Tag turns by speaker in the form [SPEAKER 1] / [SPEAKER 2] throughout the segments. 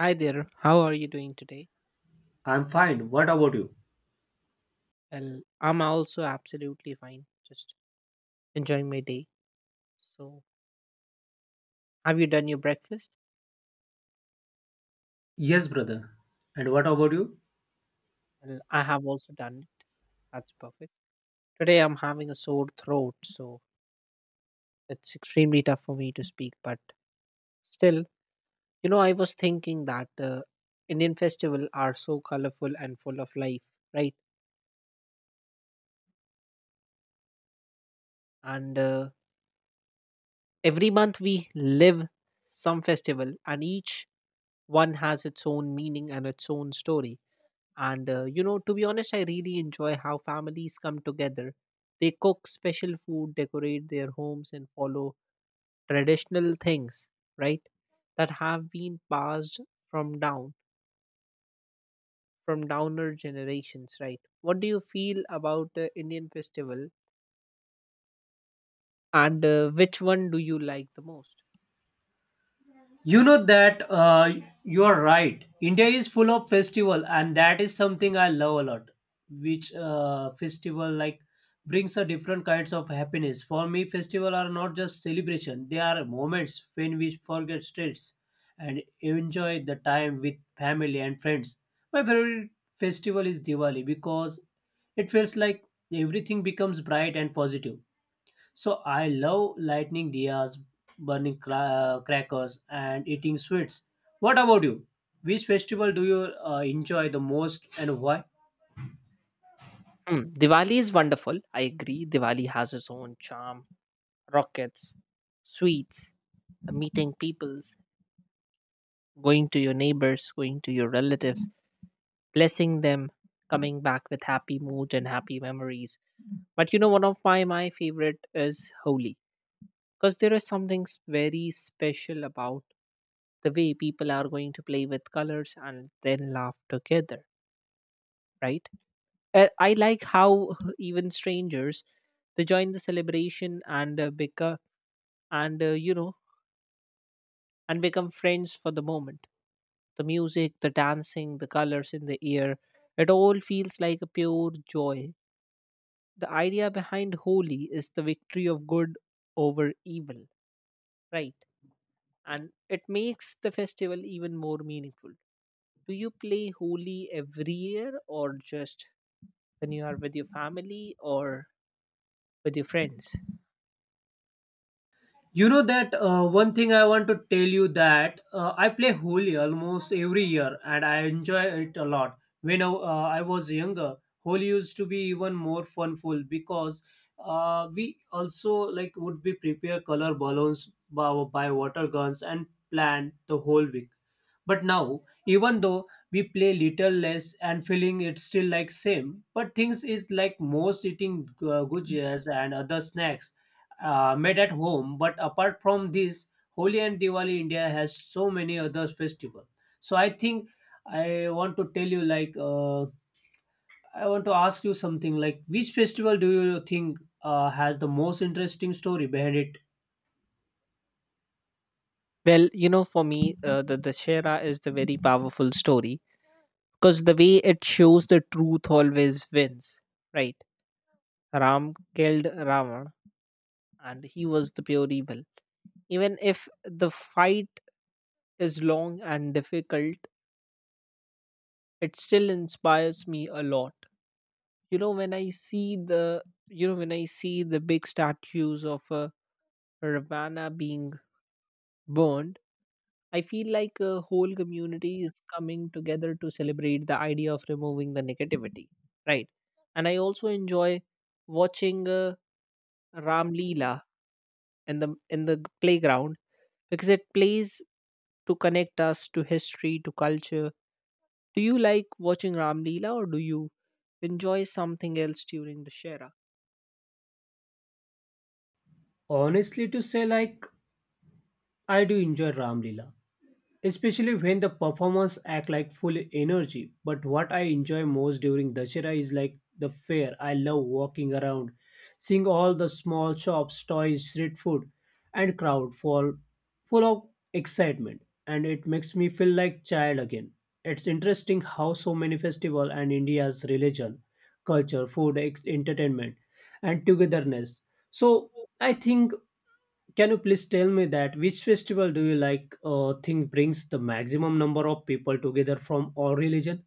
[SPEAKER 1] Hi there, how are you doing today?
[SPEAKER 2] I'm fine. What about you?
[SPEAKER 1] Well, I'm also absolutely fine, just enjoying my day. So, have you done your breakfast?
[SPEAKER 2] Yes, brother. And what about you?
[SPEAKER 1] Well, I have also done it. That's perfect. Today I'm having a sore throat, so it's extremely tough for me to speak, but still, you know, I was thinking that Indian festival are so colorful and full of life, right? And every month we live some festival and each one has its own meaning and its own story. And You know, to be honest, I really enjoy how families come together. They cook special food, decorate their homes, and follow traditional things, right? That have been passed from down, from downer generations, right? What do you feel about the Indian festival, and which one do you like the most?
[SPEAKER 2] You know that You're right. India is full of festival, and that is something I love a lot. Which festival like brings a different kinds of happiness. For me, festival are not just celebration. They are moments when we forget stress and enjoy the time with family and friends. My favorite festival is Diwali because it feels like everything becomes bright and positive. So I love lighting diyas, burning crackers, and eating sweets. What about you? Which festival do you enjoy the most and why?
[SPEAKER 1] Hmm, Diwali is wonderful. I agree. Diwali has its own charm, rockets, sweets, meeting peoples, going to your neighbors, going to your relatives blessing them, coming back with happy mood and happy memories. But you know, one of my favorite is Holi because there is something very special about the way people are going to play with colors and then laugh together, right? I like how even strangers they join the celebration and become and and become friends for the moment, the music, the dancing, the colors in the air, it all feels like a pure joy. The idea behind Holi is the victory of good over evil, right? And it makes the festival even more meaningful. Do you play Holi every year or just when you are with your family or with your friends?
[SPEAKER 2] You know that One thing I want to tell you that I play Holi almost every year and I enjoy it a lot. I was younger, Holi used to be even more funful because we also like would be prepare color balloons by water guns and plan the whole week. But now, even though we play little less and feeling it's still like same, but things is like most eating gujjas and other snacks made at home. But apart from this, Holi and Diwali, India has so many other festivals. So I think I want to tell you, I want to ask you something. Like, which festival do you think has the most interesting story behind it?
[SPEAKER 1] Well, you know, for me, the Dashera is the very powerful story because the way it shows the truth always wins, right? Ram killed Ravana and he was the pure evil. Even if the fight is long and difficult, it still inspires me a lot. you know when i see the you know when I see the big statues of Ravana being burned, I feel like a whole community is coming together to celebrate the idea of removing the negativity, right? And I also enjoy watching Ram Leela in the playground because it plays to connect us to history, to culture. Do you like watching Ram Leela or do you enjoy something else during the Shera?
[SPEAKER 2] Honestly, to say, like, I do enjoy Ram Lila, especially when the performers act like full energy. But what I enjoy most during dashera is like the fair. I love walking around, seeing all the small shops, toys, street food, and crowd full of excitement. And it makes me feel like child again. It's interesting how so many festival and india's religion, culture, food, entertainment, and togetherness. So I think, can you please tell me that which festival do you like think brings the maximum number of people together from all religion?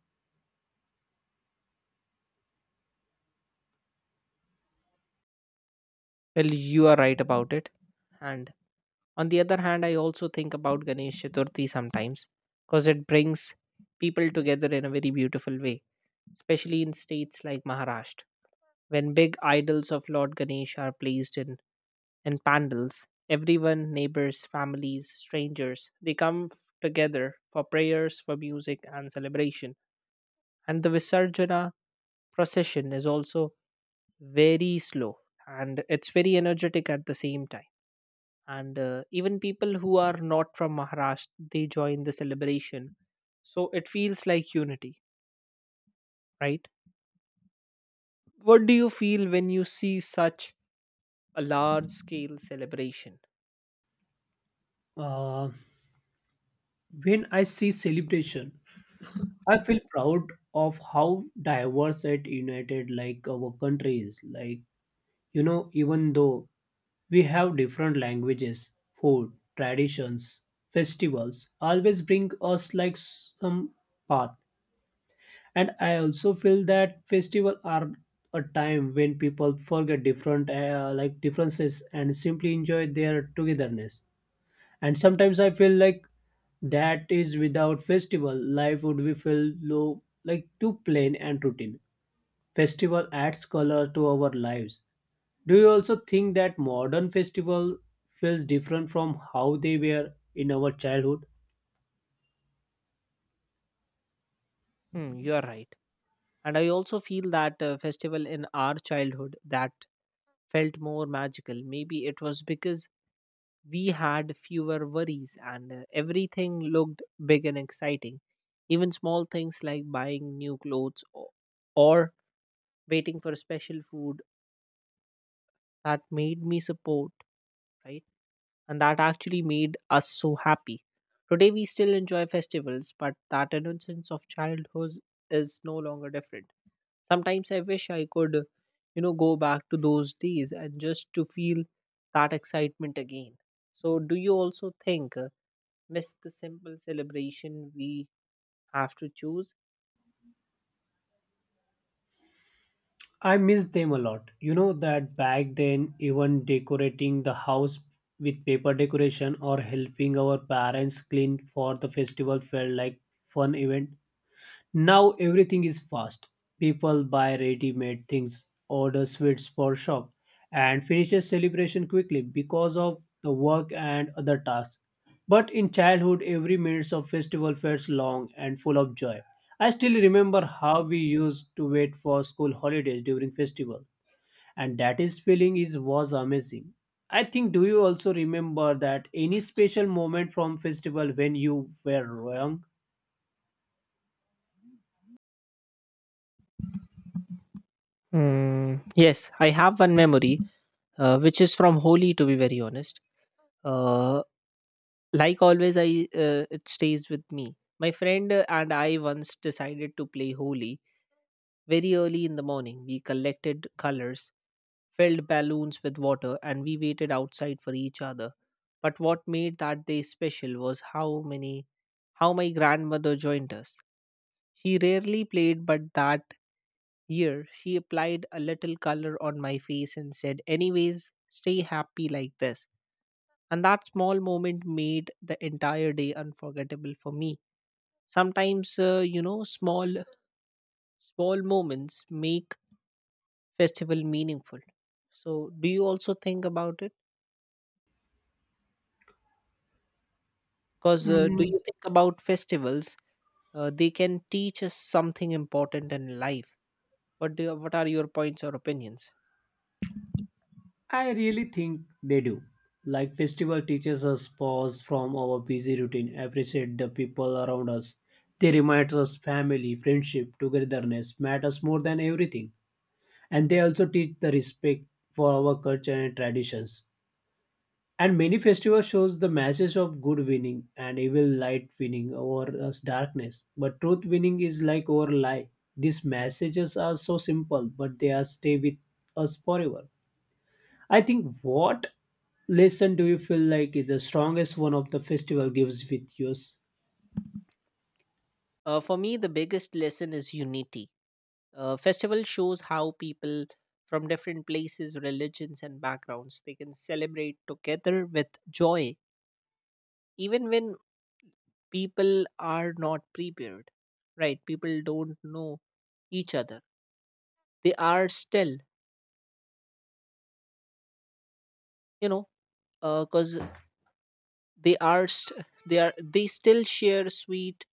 [SPEAKER 1] Well, you are right about it. And on the other hand, I also think about Ganesh Chaturthi sometimes because it brings people together in a very beautiful way, especially in states like Maharashtra. When big idols of Lord Ganesh are placed in pandals, everyone, neighbors, families, strangers, they come together for prayers, for music, and celebration. And the Visarjana procession is also very slow and it's very energetic at the same time, and even people who are not from Maharashtra they join the celebration, so it feels like unity, right? What do you feel when you see such a large scale celebration?
[SPEAKER 2] Uh, when I see celebration, I feel proud of how diverse and united like our country is. Like you know, even though we have different languages, food, traditions, festivals, always bring us like some path. And I also feel that festival are a time when people forget different like differences and simply enjoy their togetherness. And sometimes I feel like that is without festival life would be feel low, like too plain and routine. Festival adds color to our lives. Do you also think that modern festival feels different from how they were in our childhood?
[SPEAKER 1] Hmm, you are right, and I also feel that festival in our childhood that felt more magical. Maybe it was because we had fewer worries and everything looked big and exciting. Even small things like buying new clothes, or waiting for special food, that made me support, right? And that actually made us so happy. Today we still enjoy festivals, but that innocence of childhood is no longer different. Sometimes I wish I could, you know, go back to those days and just to feel that excitement again. So, do you also think? Miss the simple celebration we have to choose.
[SPEAKER 2] I miss them a lot. You know that back then, even decorating the house with paper decoration or helping our parents clean for the festival felt like fun event. Now everything is fast. People buy ready made things, order sweets for shop, and finishes celebration quickly because of the work and other tasks. But in childhood, every minute of festival felt long and full of joy. I still remember how we used to wait for school holidays during festival, and that is feeling is was amazing. I think, do you also remember that any special moment from festival when you were young?
[SPEAKER 1] Mm, yes, I have one memory, which is from Holi, to be very honest. Uh, like always, I it stays with me. My friend and I once decided to play Holi very early in the morning. We collected colors, filled balloons with water, and we waited outside for each other. But what made that day special was how my grandmother joined us. She rarely played, but that year, she applied a little color on my face and said, Anyways, stay happy like this. And that small moment made the entire day unforgettable for me. Sometimes, you know, small moments make festival meaningful. So, do you also think about it? Because, do you think about festivals? They can teach us something important in life. What are your points or opinions?
[SPEAKER 2] I really think they do. Like festival teaches us pause from our busy routine, appreciate the people around us. They remind us family, friendship, togetherness matters more than everything. And they also teach the respect for our culture and traditions. And many festivals shows the message of good winning and evil light winning over us darkness. But truth winning is like over lie. These messages are so simple, but they are stay with us forever. I think what lesson do you feel like is the strongest one of the festival gives with yours?
[SPEAKER 1] For me, the biggest lesson is unity. Festival shows how people from different places, religions, and backgrounds they can celebrate together with joy, even when people are not prepared, right? People don't know each other, they are still, you know, because they are st- they are they still share sweet,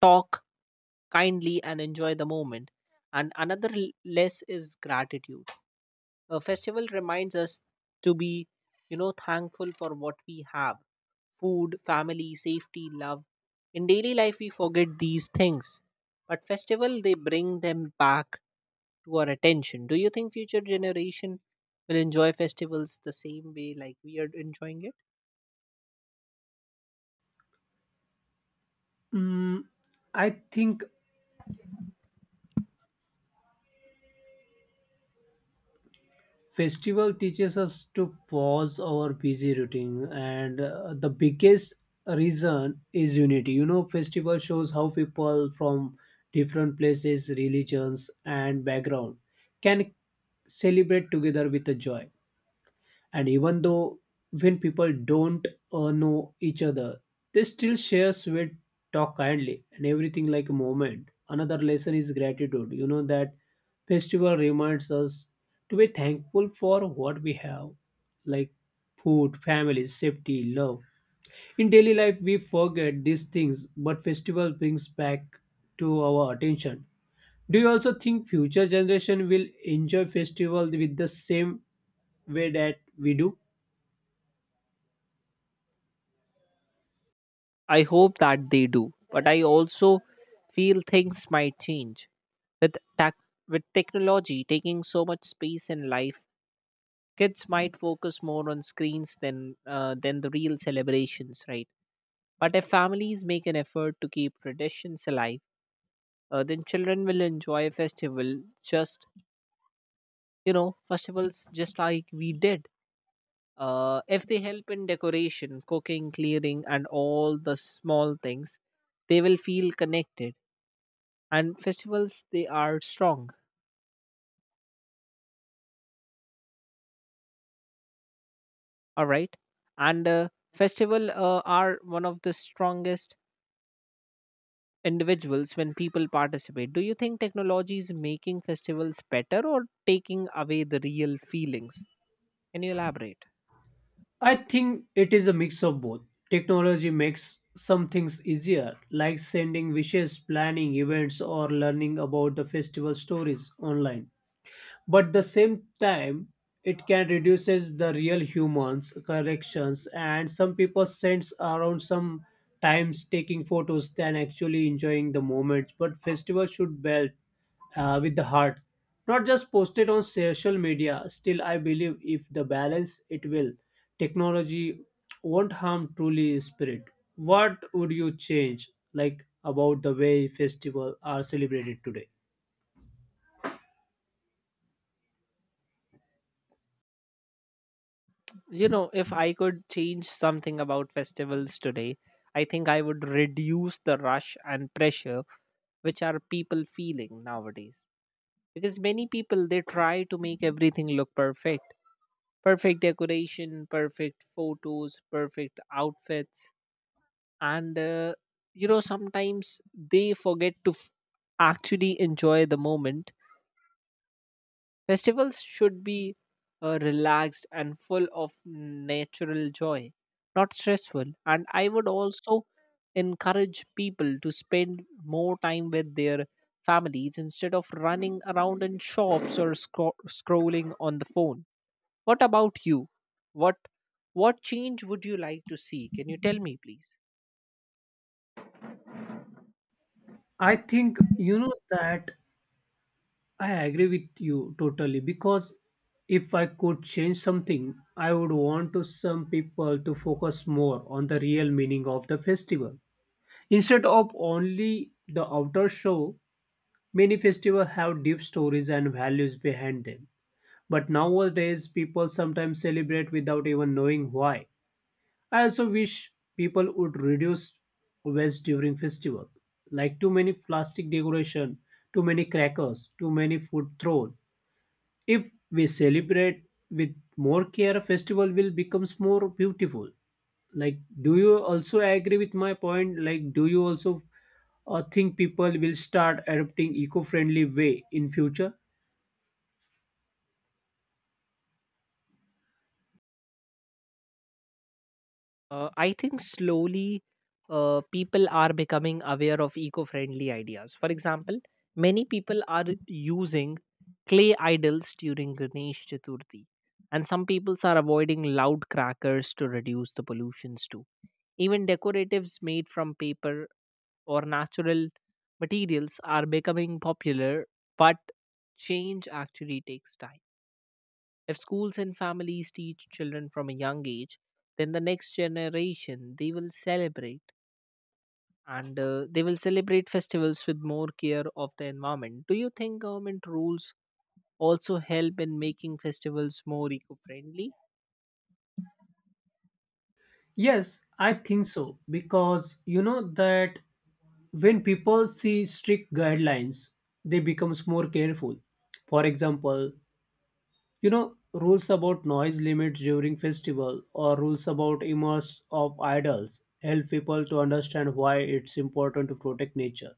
[SPEAKER 1] talk kindly, and enjoy the moment. And another less is gratitude. A festival reminds us to be, you know, thankful for what we have: food, family, safety, love. In daily life, we forget these things. But festival, they bring them back to our attention. Do you think future generation will enjoy festivals the same way like we are enjoying it?
[SPEAKER 2] Mm, I think festival teaches us to pause our busy routine, and the biggest reason is unity. You know, festival shows how people from different places, religions, and background can celebrate together with the joy. And even though when people don't know each other, they still share sweet, talk kindly, and everything like a moment. Another lesson is gratitude. You know that festival reminds us to be thankful for what we have, like food, family, safety, love. In daily life we forget these things, but festival brings back to our attention. Do you also think future generation will enjoy festival with the same way that we do?
[SPEAKER 1] I hope that they do. But I also feel things might change with tech with technology taking so much space in life, kids might focus more on screens than the real celebrations, right? But if families make an effort to keep traditions alive, then children will enjoy a festival just, you know, festivals just like we did. If they help in decoration, cooking, clearing, and all the small things, they will feel connected. And festivals, they are strong, all right? And festival are one of the strongest individuals when people participate. Do you think technology is making festivals better or taking away the real feelings? Can you elaborate?
[SPEAKER 2] I think it is a mix of both. Technology makes some things easier, like sending wishes, planning events, or learning about the festival stories online. But the same time it can reduces the real humans corrections and some people sends around some times taking photos than actually enjoying the moments. But festival should belt with the heart, not just posted on social media. Still I believe if the balance it will technology won't harm truly spirit. What would you change like about the way festival are celebrated today?
[SPEAKER 1] You know, if I could change something about festivals today, I think I would reduce the rush and pressure which are people feeling nowadays. Because many people they try to make everything look perfect. Perfect decoration, perfect photos, perfect outfits, and you know sometimes they forget to actually enjoy the moment. Festivals should be relaxed and full of natural joy, not stressful. And I would also encourage people to spend more time with their families instead of running around in shops or scrolling on the phone. What about you? what what change would you like to see? Can you tell me please?
[SPEAKER 2] I think you know that I agree with you totally, because if I could change something, I would want to some people to focus more on the real meaning of the festival. Instead of only the outer show, many festivals have deep stories and values behind them. But nowadays, people sometimes celebrate without even knowing why. I also wish people would reduce waste during festival, like too many plastic decoration, too many crackers, too many food thrown. If we celebrate with more care, festival will becomes more beautiful. Like, do you also agree with my point? Like, do you also think people will start adopting eco-friendly way in future?
[SPEAKER 1] I think slowly people are becoming aware of eco friendly ideas. For example, many people are using clay idols during Ganesh Chaturthi, and some peoples are avoiding loud crackers to reduce the pollutions too. Even decoratives made from paper or natural materials are becoming popular, but change actually takes time. If schools and families teach children from a young age, then the next generation they will celebrate and they will celebrate festivals with more care of the environment. Do you think government rules also help in making festivals more eco-friendly?
[SPEAKER 2] Yes, I think so, because you know that when people see strict guidelines, they becomes more careful. For example, you know rules about noise limits during festival or rules about images of idols help people to understand why it's important to protect nature.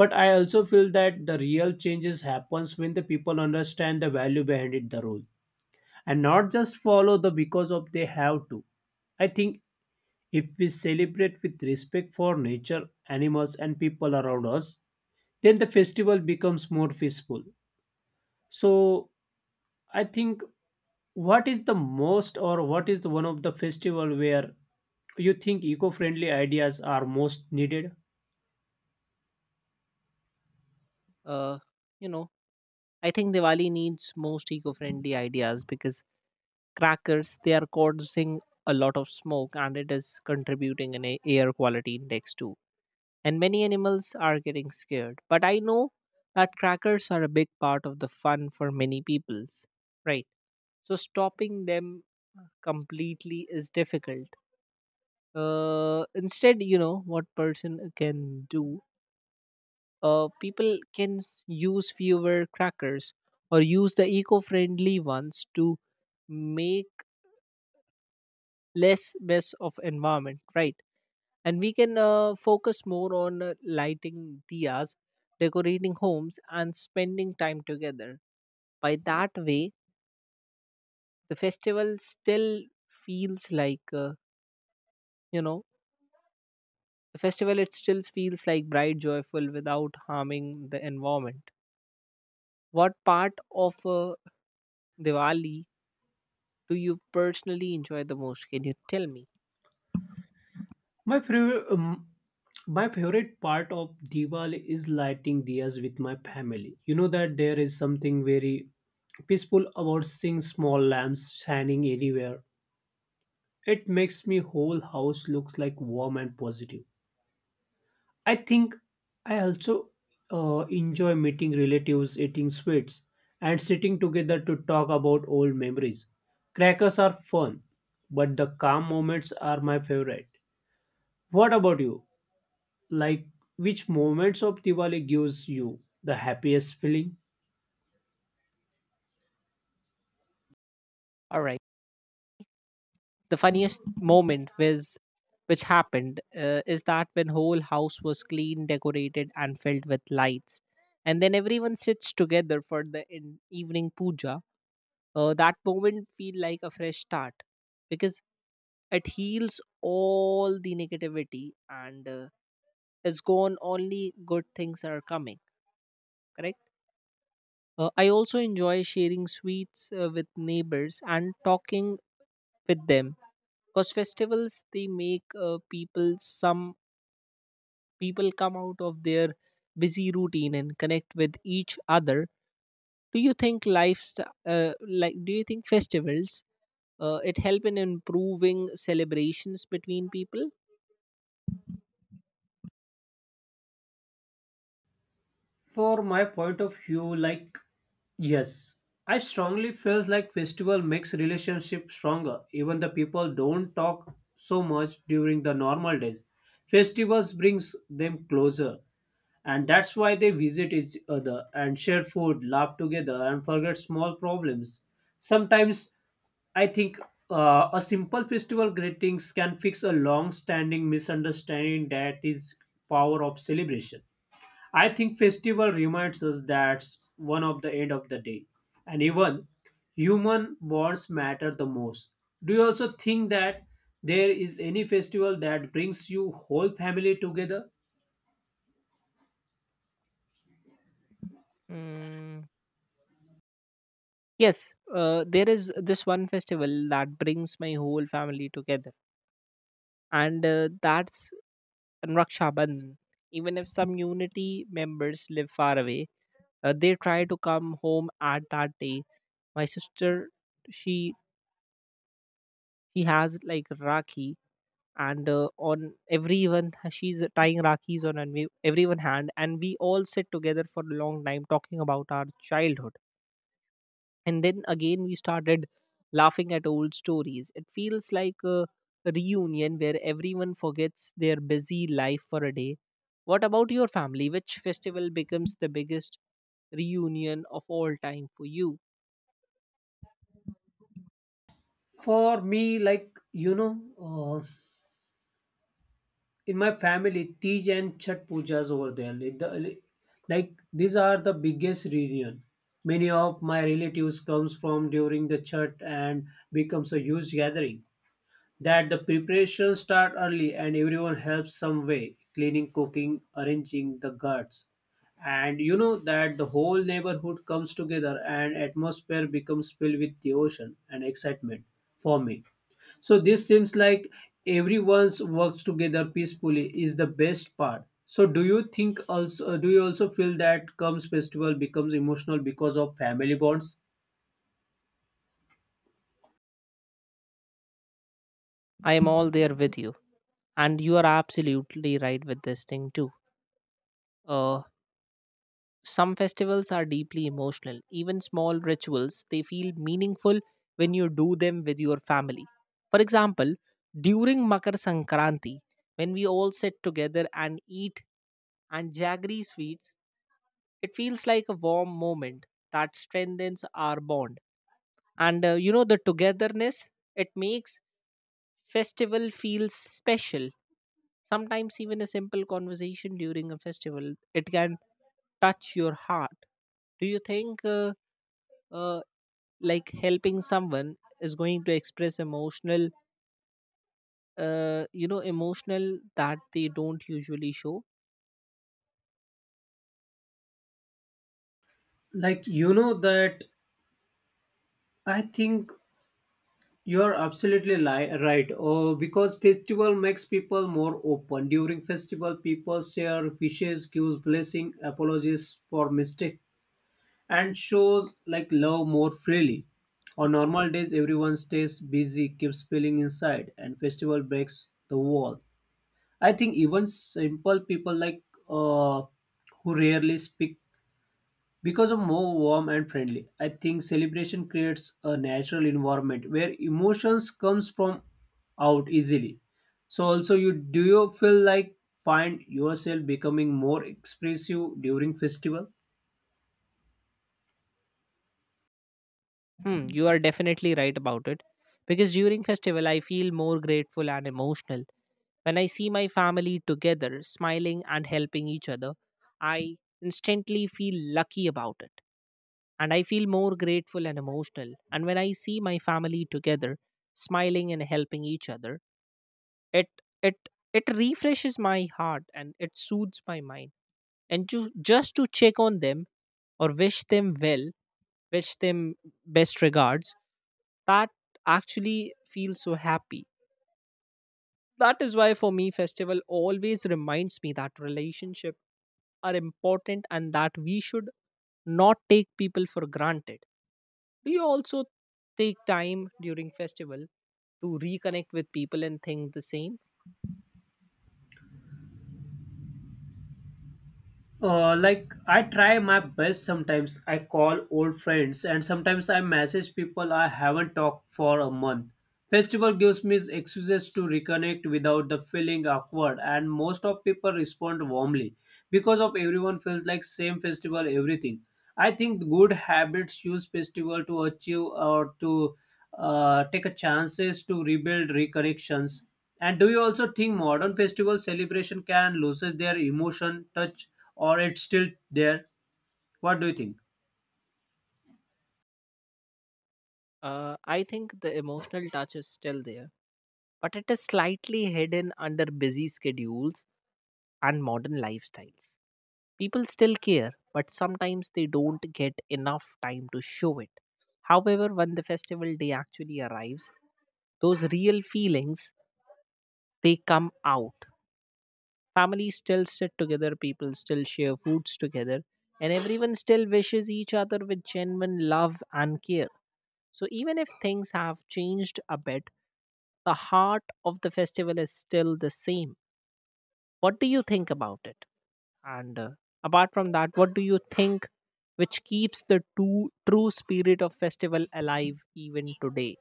[SPEAKER 2] But I also feel that the real changes happens when the people understand the value behind it the rule, and not just follow the because of they have to. I think if we celebrate with respect for nature, animals, and people around us, then the festival becomes more peaceful. So I think, what is the most or what is the one of the festival where you think eco-friendly ideas are most needed?
[SPEAKER 1] Uh, you know, I think Diwali needs most eco-friendly ideas because crackers they are causing a lot of smoke and it is contributing an a air quality index too, and many animals are getting scared. But I know that crackers are a big part of the fun for many peoples, right? So stopping them completely is difficult. Instead, you know what person can do. People can use fewer crackers or use the eco-friendly ones to make less mess of environment, right? And we can focus more on lighting diyas, decorating homes, and spending time together. By that way, the festival still feels like you know the festival. It still feels like bright, joyful, without harming the environment. What part of Diwali do you personally enjoy the most? Can you tell me?
[SPEAKER 2] My favorite um, my favorite part of Diwali is lighting diyas with my family. You know that there is something very peaceful about seeing small lamps shining everywhere. It makes me whole house looks like warm and positive. I think I also enjoy meeting relatives, eating sweets, and sitting together to talk about old memories. Crackers are fun, but the calm moments are my favorite. What about you? Like, which moments of Diwali gives you the happiest feeling?
[SPEAKER 1] All right. The funniest moment was which happened is that when whole house was clean decorated and filled with lights, and then everyone sits together for the evening puja. That moment feel like a fresh start because it heals all the negativity, and it's gone, only good things are coming. Correct. I also enjoy sharing sweets with neighbors and talking with them, because festivals they make people, some people come out of their busy routine and connect with each other. Do you think life's uh, like, do you think festivals, it help in improving celebrations between people?
[SPEAKER 2] For my point of view, like yes, I strongly feels like festival makes relationship stronger. Even the people don't talk so much during the normal days. Festivals brings them closer, and that's why they visit each other and share food, laugh together, and forget small problems. Sometimes I think a simple festival greetings can fix a long-standing misunderstanding. That is power of celebration. I think festival reminds us that one of the end of the day, and even human bonds matter the most. Do you also think that there is any festival that brings you whole family together?
[SPEAKER 1] mm, yes, there is this one festival that brings my whole family together, and that's Raksha Bandhan. Even if some unity members live far away, they try to come home at that day. My sister, she she has like rakhi, and on everyone she's tying rakhis on and we, everyone hand, and we all sit together for a long time talking about our childhood, and then again we started laughing at old stories. It feels like a reunion where everyone forgets their busy life for a day. What about your family, which festival becomes the biggest reunion of all time for you?
[SPEAKER 2] For me, like you know, in my family, Tej and Chhat Pujas over there. Like, the, like these are the biggest reunion. Many of my relatives comes from during the Chhat and becomes a huge gathering that the preparations start early and everyone helps some way cleaning, cooking, arranging the guts. And you know that the whole neighborhood comes together and atmosphere becomes filled with devotion and excitement. For me, so this seems like everyone's works together peacefully is the best part. So do you think also, do you also feel that comes festival becomes emotional because of family bonds?
[SPEAKER 1] I am all there with you, and you are absolutely right with this thing too. uh, Some festivals are deeply emotional. Even small rituals, they feel meaningful when you do them with your family. For example, during Makar Sankranti, when we all sit together and eat and jaggery sweets, it feels like a warm moment that strengthens our bond. And you know, the togetherness, it makes festival feel special. Sometimes even a simple conversation during a festival, it can touch your heart. Do you think uh, like helping someone is going to express emotional, you know, emotional that they don't usually show?
[SPEAKER 2] Like you know that I think you're absolutely right. Because festival makes people more open. During festival, people share wishes, gives blessing, apologies for mistake, and shows like love more freely. On normal days, everyone stays busy, keeps feeling inside, and festival breaks the wall. I think even simple people like uh, who rarely speak because of more warm and friendly, I think celebration creates a natural environment where emotions comes from out easily. So also you, do you feel like find yourself becoming more expressive during festival?
[SPEAKER 1] Hmm, you are definitely right about it, because during festival I feel more grateful and emotional. When I see my family together smiling and helping each other, I instantly feel lucky about it. And I feel more grateful and emotional, and when I see my family together smiling and helping each other, it it refreshes my heart and it soothes my mind. And to, just to check on them, or wish them well, wish them best regards, that actually feels so happy. That is why for me festival always reminds me that relationship are important and that we should not take people for granted. Do you also take time during festival to reconnect with people and think the same?
[SPEAKER 2] Like I try my best sometimes. I call old friends and sometimes I message people I haven't talked for a month. Festival gives me excuses to reconnect without the feeling awkward and most of people respond warmly because of everyone feels like same festival everything. I think good habits use festival to achieve or to take a chances to rebuild reconnections. And do you also think modern festival celebration can loses their emotion touch or it's still there? What do you think?
[SPEAKER 1] I think the emotional touch is still there, but it is slightly hidden under busy schedules and modern lifestyles. People still care, but sometimes they don't get enough time to show it. However, when the festival day actually arrives, those real feelings, they come out. Families still sit together, people still share foods together, and everyone still wishes each other with genuine love and care. So even if things have changed a bit, the heart of the festival is still the same. What do you think about it? And apart from that, what do you think which keeps the true spirit of festival alive even today?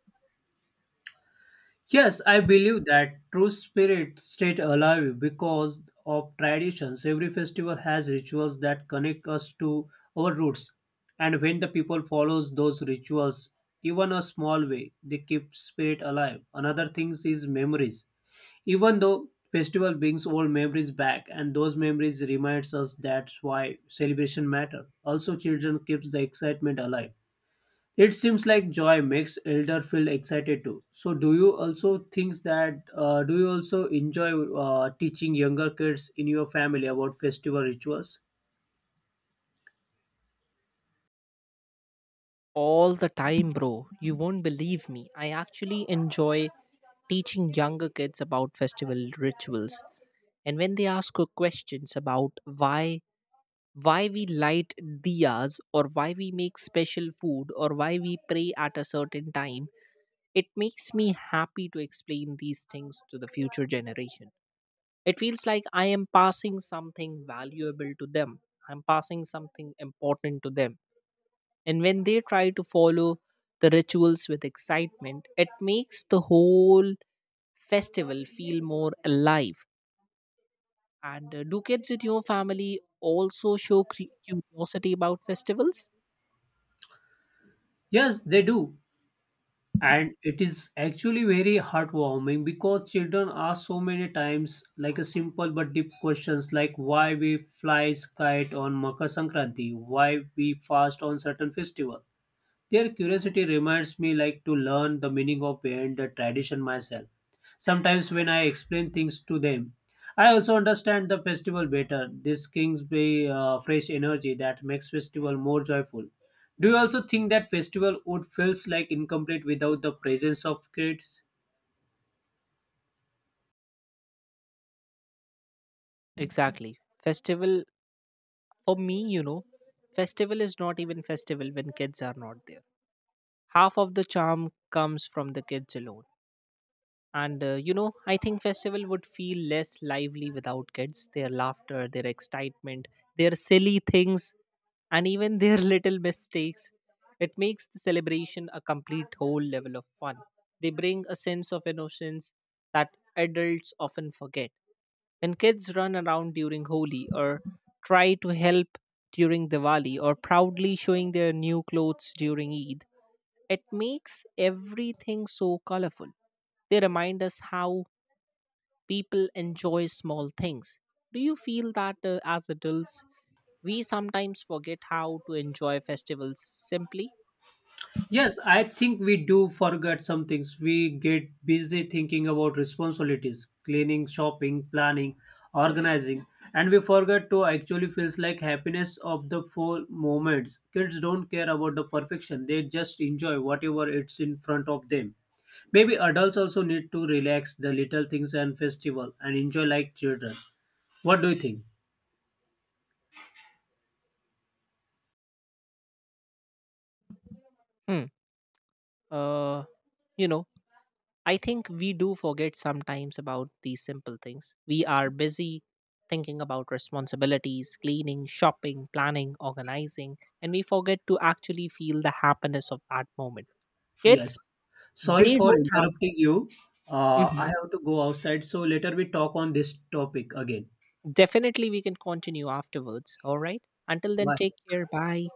[SPEAKER 2] Yes, I believe that true spirit stayed alive because of traditions. Every festival has rituals that connect us to our roots. And when the people follows those rituals, even a small way, they keep spirit alive. Another thing is memories. Even though festival brings old memories back and those memories reminds us that's why celebration matter. Also children keeps the excitement alive. It seems like joy makes elder feel excited too. So, do you also think that do you also enjoy teaching younger kids in your family about festival rituals?
[SPEAKER 1] All the time, bro. You won't believe me. I actually enjoy teaching younger kids about festival rituals. And when they ask questions about why we light diyas, or why we make special food, or why we pray at a certain time, it makes me happy to explain these things to the future generation. It feels like I am passing something valuable to them, I'm passing something important to them. And when they try to follow the rituals with excitement, it makes the whole festival feel more alive. And do kids in your family also show curiosity about festivals?
[SPEAKER 2] Yes, they do, and it is actually very heartwarming because children ask so many times like a simple but deep questions like why we fly kite on Makar Sankranti, why we fast on certain festival. Their curiosity reminds me like to learn the meaning of behind the tradition myself. Sometimes when I explain things to them, I also understand the festival better. This gives me fresh energy that makes festival more joyful. Do you also think that festival would feels like incomplete without the presence of kids?
[SPEAKER 1] Exactly. Festival for me, you know, festival is not even festival when kids are not there. Half of the charm comes from the kids alone. And you know, I think festival would feel less lively without kids. Their laughter, their excitement, their silly things, and even their little mistakes. It makes the celebration a complete whole level of fun. They bring a sense of innocence that adults often forget. When kids run around during Holi, or try to help during Diwali, or proudly showing their new clothes during Eid, it makes everything so colorful. They remind us how people enjoy small things. Do you feel that as adults, we sometimes forget how to enjoy festivals simply?
[SPEAKER 2] Yes, I think we do forget some things. We get busy thinking about responsibilities, cleaning, shopping, planning, organizing, and we forget to actually feels like happiness of the full moments. Kids don't care about the perfection. They just enjoy whatever it's in front of them. Maybe adults also need to relax the little things and festival and enjoy like children. What do you think?
[SPEAKER 1] Hmm. Uh, you know, I think we do forget sometimes about these simple things. We are busy thinking about responsibilities, cleaning, shopping, planning, organizing, and we forget to actually feel the happiness of that moment.
[SPEAKER 2] Yes.
[SPEAKER 1] Kids,
[SPEAKER 2] Sorry
[SPEAKER 1] they
[SPEAKER 2] for
[SPEAKER 1] don't have.
[SPEAKER 2] interrupting you. I
[SPEAKER 1] Mhm.
[SPEAKER 2] have to go outside, so later we talk on this topic again.
[SPEAKER 1] Definitely, we can continue afterwards. All right. Until then,
[SPEAKER 2] Bye.
[SPEAKER 1] take care. Bye.